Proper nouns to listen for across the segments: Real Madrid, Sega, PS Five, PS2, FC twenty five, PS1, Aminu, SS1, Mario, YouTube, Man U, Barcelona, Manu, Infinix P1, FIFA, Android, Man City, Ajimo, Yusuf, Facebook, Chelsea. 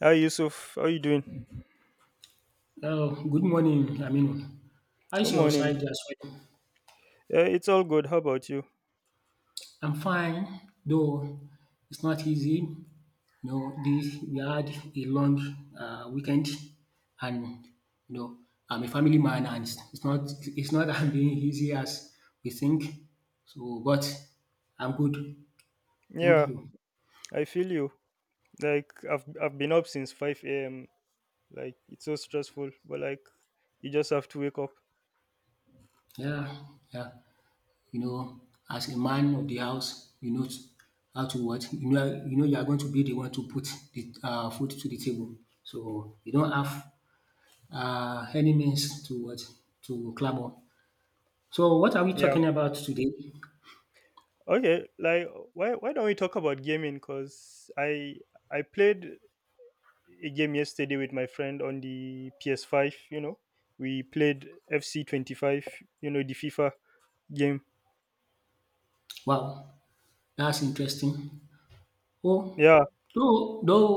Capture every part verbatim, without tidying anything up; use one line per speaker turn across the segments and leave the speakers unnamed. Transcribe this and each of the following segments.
Hi Yusuf, how you doing?
Oh, good morning, Aminu. How
Good
is your
morning.
side as well?
Uh, it's all good. How about you?
I'm fine, though it's not easy. You know, this We had a long uh, weekend, and you know, I'm a family man, and it's it's not it's not as being easy as we think. So, but I'm good. Thank
Yeah,
you.
I feel you. Like I've I've been up since five a.m. Like it's so stressful, but like you just have to wake up.
Yeah, yeah. you know, as a man of the house, you know how to what, you know you know you are going to be the one to put the um food to the table. So you don't have um any means to what to clamor. So what are we
Yeah.
talking about today?
Okay. Like why why don't we talk about gaming? Cause I I played a game yesterday with my friend on the P S five. You know, we played F C twenty five. You know the FIFA game.
Wow, that's interesting. Well,
Yeah.
though though,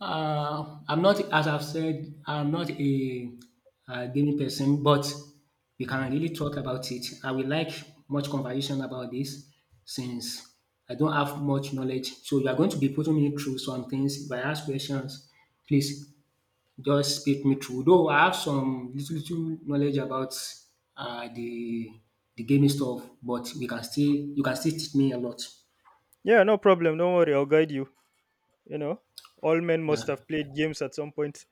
uh, I'm not as I've said, I'm not a, uh, gaming person, but we can really talk about it. I will like much conversation about this since I don't have much knowledge. So you are going to be putting me through some things. If I ask questions, please just speak me through. Though I have some little, little knowledge about uh, the the gaming stuff, but we can still you can still teach me a lot.
Yeah. No problem. Don't worry. I'll guide you. You know, all men must
Yeah.
have played games at some point.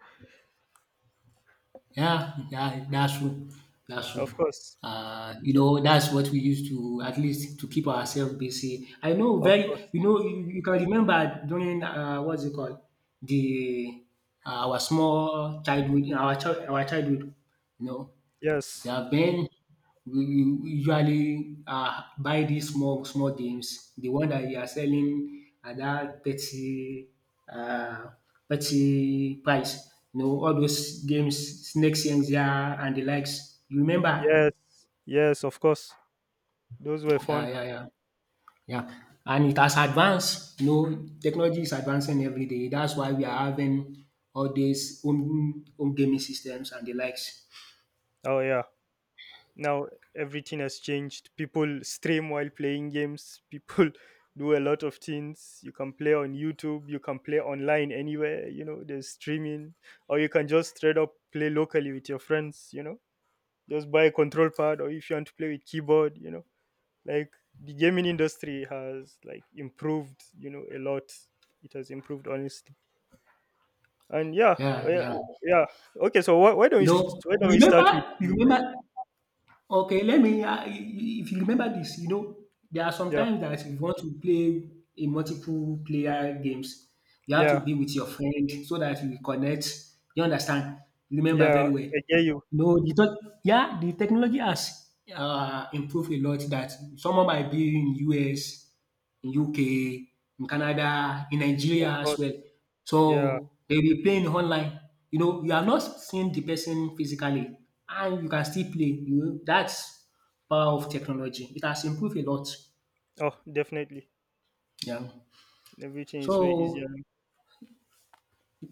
Yeah, yeah, that's true. That's true.
Of course,
Uh, you know, that's what we used to at least to keep ourselves busy. I know
of
very,
course.
you know, you, you can remember during uh, what's it called, the uh, our small childhood, our child, our childhood, you know.
Yes,
Yeah, then we we usually uh, buy these small small games. The one that you are selling at that thirty uh, thirty price. You know all those games, Snake Senja and the likes. You remember?
yes, yes. Of course, those were
Yeah,
fun.
yeah, yeah, yeah. And it has advanced. You know, technology is advancing every day. That's why we are having all these home home gaming systems and the likes.
Oh yeah. Now everything has changed. People stream while playing games. People do a lot of things. You can play on YouTube. You can play online anywhere. You know, there's streaming, or you can just straight up play locally with your friends. You know, just buy a control pad, or if you want to play with keyboard, you know, like the gaming industry has like improved, you know, a lot. It has improved, honestly. And yeah,
Yeah,
yeah,
yeah.
yeah. Okay, so why, why don't
You
we st-
know,
why
you
don't we start with
remember? You
the,
remember? Okay, let me, uh, if you remember this, you know, there are some
yeah,
times that if you want to play a multiple player games, you have to
yeah,
be with your friend so that you connect. You understand? Remember
yeah,
very well.
I get you.
No, the tech- yeah, the technology has uh, improved a lot that someone might be in U S, in U K, in Canada, in
Of
Nigeria as
course.
well.
Yeah.
So they'll be playing online. You know, you are not seeing the person physically and you can still play. You know, that's power of technology. It has improved a lot.
Oh, definitely,
Yeah.
everything is way easier
So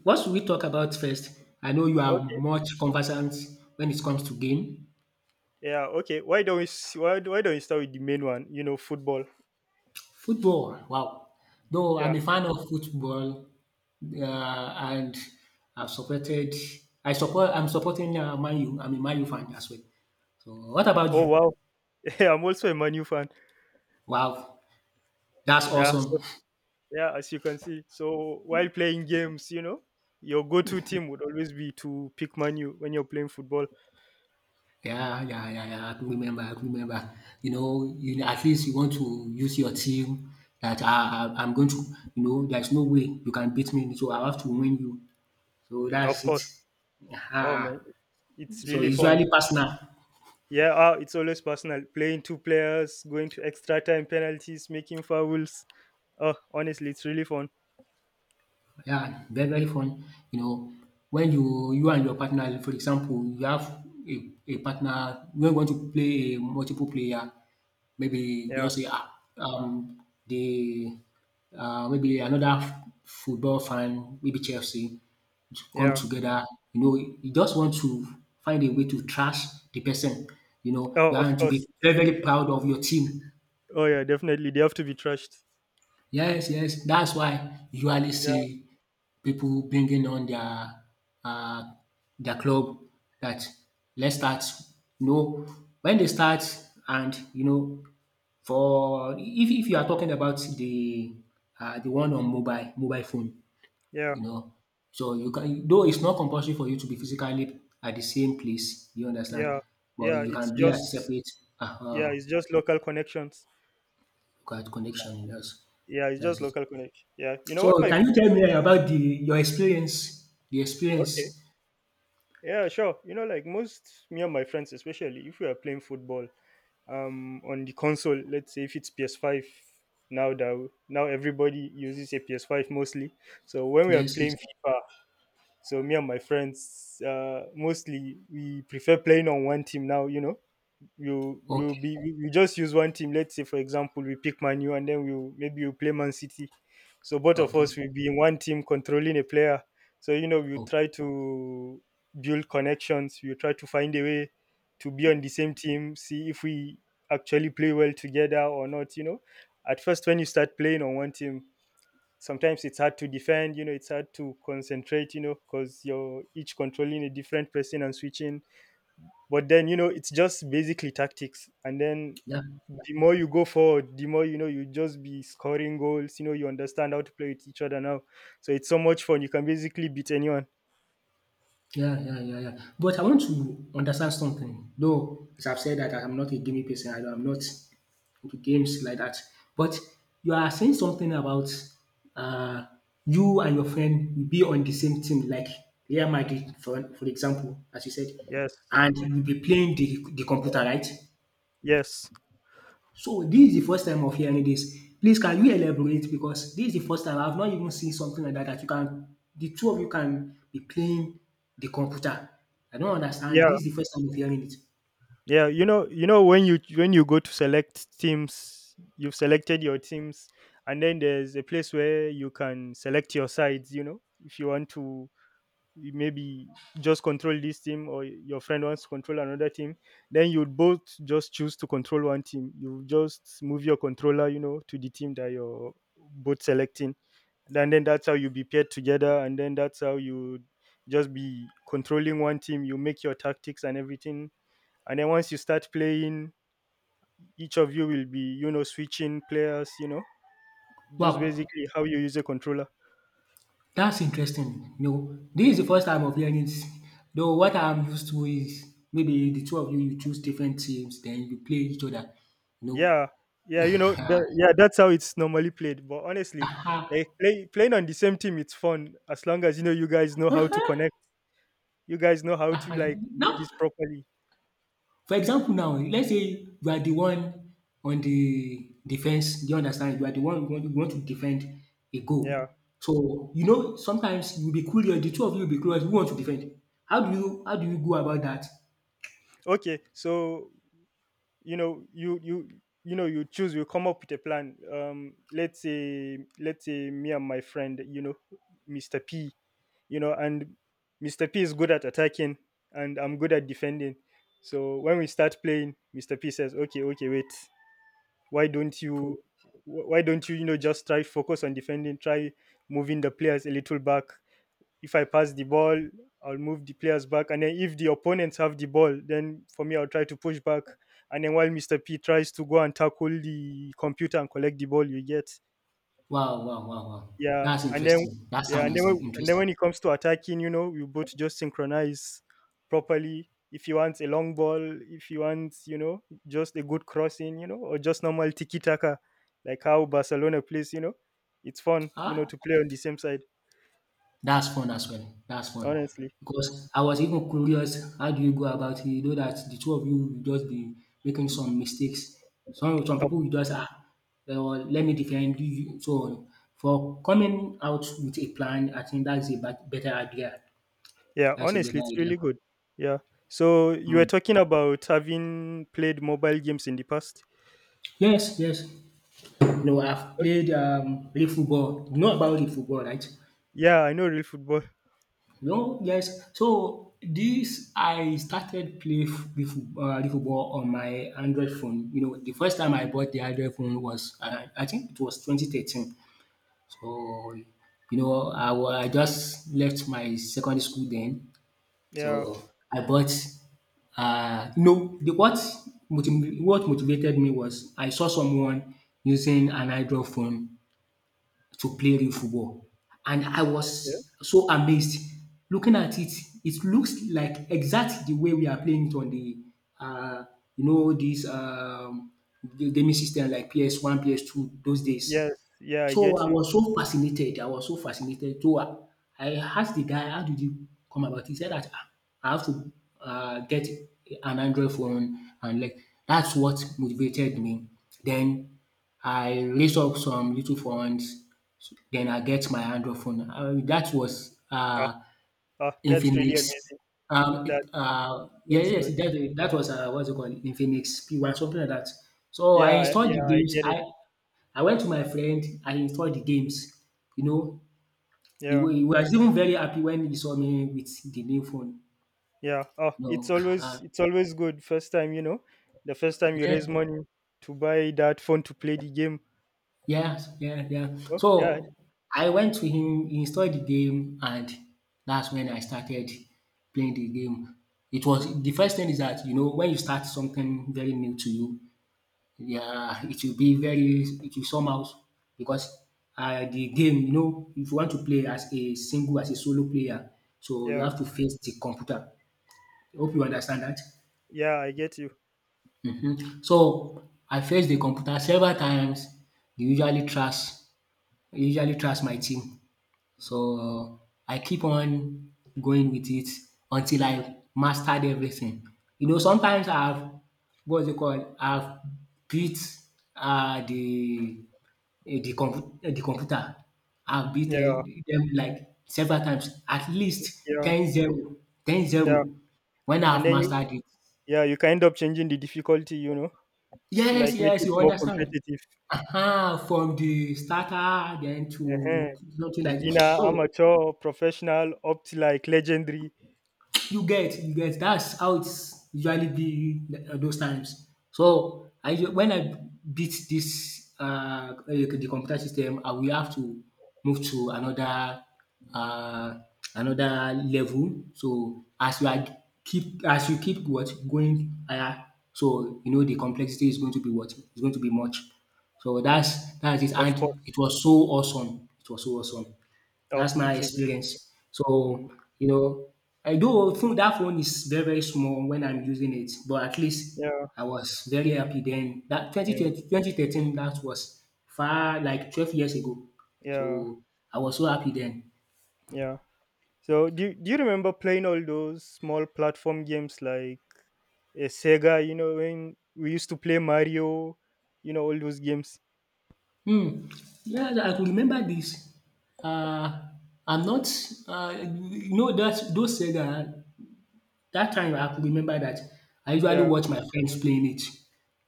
what should we talk about first? I know you
now.
are
Okay,
much conversant when it comes to game.
yeah, okay, why don't we s- why, do- why don't we start with the main one, you know, football.
Football, wow. Though
Yeah.
I'm a fan of football, uh, and I've supported, I support, I'm supporting uh, Man U. I'm a Man U fan as well. So what about
Oh
you?
wow, yeah, I'm also a Manu fan.
Wow, that's
Yeah, so
awesome.
yeah, as you can see. So while playing games, you know, your go-to team would always be to pick Manu when you're playing football.
Yeah, yeah, yeah, yeah. I can remember, I can remember. You know, you at least you want to use your team that I, I, I'm going to, you know, there's no way you can beat me, so I have to win you. So
Of
that's it.
course. Oh man,
Ah,
it's
so
really
it's
fun.
usually personal.
Yeah, ah, it's always personal. Playing two players, going to extra time, penalties, making fouls. Oh, honestly, it's really fun.
Yeah, very, very fun. You know, when you you and your partner, for example, you have a a partner when you want to play a multiple player, maybe
Yeah,
just say, ah, um, the uh, maybe another f- football fan, maybe Chelsea, to come
yeah.
together. You know, you just want to find a way to trash the person. You know,
Oh,
you
of
want to
course.
be very, very proud of your team.
Oh yeah, definitely. They have to be trashed.
Yes, yes, that's why you usually
Yeah,
see people bringing on their uh, their club that let's start. You know when they start, and you know, for if if you are talking about the uh, the one on mobile mobile phone,
yeah,
you know, so you can, though it's not compulsory for you to be physically at the same place, you understand?
yeah,
But
yeah.
you
It's
can be at
just
separate uh,
yeah,
um
it's just local connections.
connection, yes,
Yeah, it's just
that's it.
local connection. Yeah. You know what
So
my
can you tell me eh, about the your experience? The
okay.
experience.
Yeah, sure. You know, like most me and my friends, especially if we are playing football, um, on the console, let's say if it's P S five, now that now everybody uses a P S five mostly. So when we are
Yes,
playing
yes.
FIFA, so me and my friends, uh, mostly we prefer playing on one team now. You know, you you
Okay.
be you you just use one team. Let's say for example we pick Manu and then we maybe you play Man City. So both of us
Okay.
will be in one team controlling a player. So you know we
Okay.
try to build connections. We try to find a way to be on the same team. See if we actually play well together or not. You know, at first when you start playing on one team, sometimes it's hard to defend. You know, it's hard to concentrate. You know, because you're each controlling a different person and switching, but then, you know, it's just basically tactics. And then
Yeah.
the more you go forward, the more you know you just be scoring goals. You know, you understand how to play with each other now. So it's so much fun. You can basically beat anyone.
Yeah, yeah, yeah, yeah. But I want to understand something. Though, as I've said that I'm not a gaming person, I, I'm not into games like that. But you are saying something about uh, you and your friend will be on the same team, like Real Madrid, for, for example, as you said,
Yes.
and you'll be playing the, the computer, right?
Yes.
So this is the first time of hearing this. Please, can you elaborate because this is the first time I've not even seen something like that that you can the two of you can be playing the computer. I don't understand.
Yeah.
This is the first time of hearing it.
Yeah. You know, you know when you when you go to select teams, you've selected your teams, and then there's a place where you can select your sides, you know, if you want to you maybe just control this team, or your friend wants to control another team, then you'd both just choose to control one team. You just move your controller, you know, to the team that you're both selecting, and then that's how you be paired together, and then that's how you just be controlling one team. You make your tactics and everything, and then once you start playing, each of you will be, you know, switching players, you know, just
Wow,
basically how you use a controller.
that's interesting. No, this is the first time of hearing it. Though what I'm used to is maybe the two of you you choose different teams, then you play each other. No.
Yeah, yeah, you know, that, yeah, that's how it's normally played. But honestly, like play, playing on the same team, it's fun as long as you know you guys know how to connect. You guys know how to like do
No.
this properly.
For example now, let's say you are the one on the defense, do you understand? You are the one you want you want to defend a goal.
Yeah.
So, you know sometimes you'll be curious, the two of you will be curious, who want to defend? How do you how do you go about that?
Okay. So you know, you you you know, you choose. You come up with a plan. Um, let's say let's say me and my friend, you know, Mister P, you know, and Mister P is good at attacking and I'm good at defending. So when we start playing, Mister P says, okay, okay, wait. Why don't you wh- why don't you, you know, just try focus on defending, try moving the players a little back. If I pass the ball, I'll move the players back, and then if the opponents have the ball, then for me I'll try to push back, and then while Mr. P tries to go and tackle the computer and collect the ball, you get.
Wow, wow, wow, wow.
Yeah,
That's
and then
interesting. That
yeah, and
sound
then
is
when- and then
interesting.
when it comes to attacking, you know, you both just synchronize properly. If you want a long ball, if you want, you know, just a good crossing, you know, or just normal tiki taka, like how Barcelona plays, you know, it's fun, you know,
Ah,
to play on the same side.
that's fun as well. That's fun.
Honestly,
Because I was even curious, how do you go about it? You know that the two of you will just be making some mistakes. Some some
oh
people will just ah, well, let me defend you. So for coming out with a plan, I think that's a bet- better idea.
yeah,
That's a
honestly,
better
it's
idea.
really good. Yeah. So you were
Mm.
talking about having played mobile games in the past.
Yes, yes. You know, I've
Uh,
played um, real football. You know about real football, right?
Yeah, I know real football.
No, yes. So this I started play f the foot um the football on my Android phone. You know, the first time I bought the Android phone was around, I think it was twenty thirteen. So, you know, I wa I just left my secondary school then. So
Yeah.
I bought um no, the what motiv what motivated me was I saw someone using an Android phone to play real football. And I
Yeah.
was so amazed. Looking at it, it looks like exactly the way we are playing it on the uh, you know this um, ga- gaming system like P S one, P S two those days.
Yes. Yeah, I
So
get
I
you.
was so fascinated. I was so fascinated. So I, I asked the guy, "How did you come about it?" He said that, "Ah, I have to uh, get an Android phone," and like that's what motivated me. Then I raised up some little funds, then I get my Android phone. Uh, that was
Ah,
uh,
ah, that's really
Infinix.
amazing.
Um,
That
it, uh, yeah,
that's
yes,
good.
that, that was uh, what's it called? Infinix P one, something like that. So I
Yeah,
installed the
yeah, I
games.
get it.
I I went to my friend. I installed the games. You know, he,
Yeah,
wa- he was even very happy when he saw me with the new phone.
yeah. Oh,
You
it's
know,
always,
uh,
it's always good. First time, you know, the first time you raise
yes.
money to buy that phone to play the game.
Yes, yeah,
You
yeah.
know? Yeah,
So I went to in installed the game, and that's when I started playing the game. It was the first thing is that, you know, when you start something very new to you, yeah, it will be very, it will somehow, because um the game, you know, if you want to play as a single, as a solo player, so you
yeah,
have to face the computer. Hope you understand that.
yeah. I get you.
Mhm. So I faced the computer several times. They usually trash they usually trash my team. So uh, I keep on going with it until I mastered everything. You know, sometimes I've what's it called? I've beat uh, the eh, the compu- eh, the computer. I've beat
Yeah,
eh, them like several times, at least
yeah,
ten zero, ten
yeah.
zero. when
And
I've
then you,
mastered it.
yeah, you can end up changing the difficulty, you know, to
Yes,
like make
yes,
it
you
more
understand.
competitive.
Aha, from the starter then
uh
to something like
Beginner,
so.
amateur, professional, up to like legendary,
You get, you get. That's how it's usually be at those times. So I u- when I beat this uh eh, the computer system, I will have to move to another uh another level. So as you are keep as you keep what going higher, so you know the complexity is going to be what is going to be much. So that's that's it.
of course.
And it was so awesome. It was so awesome.
Oh,
That's my
it's a good.
experience.
Mm.
So, you know, I do think that phone is very, very small when I'm using it, but at least
Yeah,
I was very happy then. That twenty
yeah,
twenty twenty thirteen. That was far like twelve years ago.
yeah,
So I was so happy then.
yeah. So do you, do you remember playing all those small platform games like uh, Sega? You know when we used to play Mario, you know, all those games.
Hmm. Yeah, I could remember this. Uh, I'm not, uh, you know, that those said that that time I could remember that I usually
Yeah,
watch my friends playing it.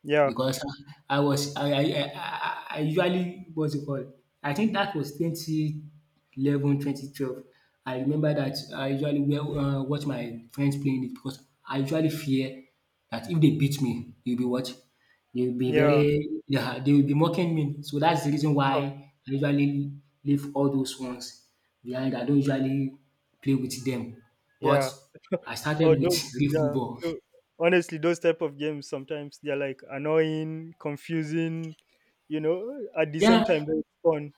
yeah,
Because I I was I I I I usually what's it called? I think that was twenty eleven twenty twelve. I remember that I usually wear, uh, watch my friends playing it because I usually fear that if they beat me, they'll be what? They'll be
yeah,
very, yeah, they will be mocking me. So that's the reason why
huh,
I usually leave all those ones behind. I don't usually play with them. But
yeah.
I
Or
started with
those,
real
yeah.
football.
tho- Honestly, those type of games sometimes they're like annoying, confusing. You know, at the same
Yeah,
time they're fun.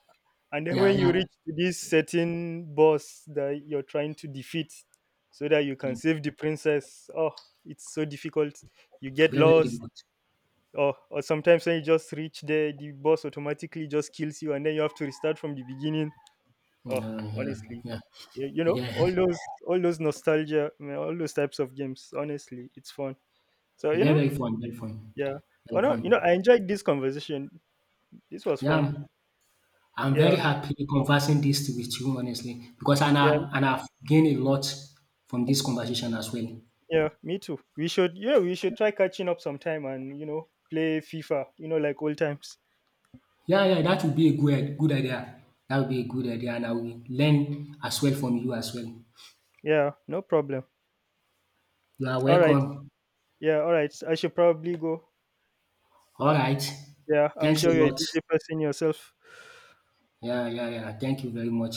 And then
yeah,
when you
yeah.
reach to this certain boss that you're trying to defeat, so that you can save the princess, oh, it's so difficult, you get
Very, very
lost,
difficult.
or or sometimes when you just reach there the boss automatically just kills you and then you have to restart from the beginning. Oh,
Yeah, yeah,
honestly,
yeah.
you, you know,
Yeah,
all those all those nostalgia I mean, all those types of games honestly it's fun. So you
yeah,
know,
very fun, very fun,
yeah. Oh
very
no, you know,
fun.
I enjoyed this conversation. This was
Yeah,
fun.
I'm, I'm very
Yeah,
happy conversing this with you, honestly, because and
yeah,
I and I've gained a lot from this conversation as well.
yeah, me too. We should, you know, we should try catching up sometime, and you know, play FIFA, you know, like old times.
Yeah, yeah, that would be a good good idea. That would be a good idea, and I will learn as well from you as well.
Yeah, no problem.
You are
All right.
welcome.
Yeah, all right, I should probably go.
All right.
Yeah, I'm
Thanks a
sure you're a
lot.
busy person yourself.
Yeah, yeah, yeah. Thank you very much.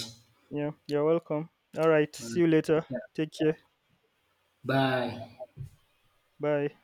Yeah, you're welcome. All right. See you later.
Yeah.
Take care.
Bye.
Bye.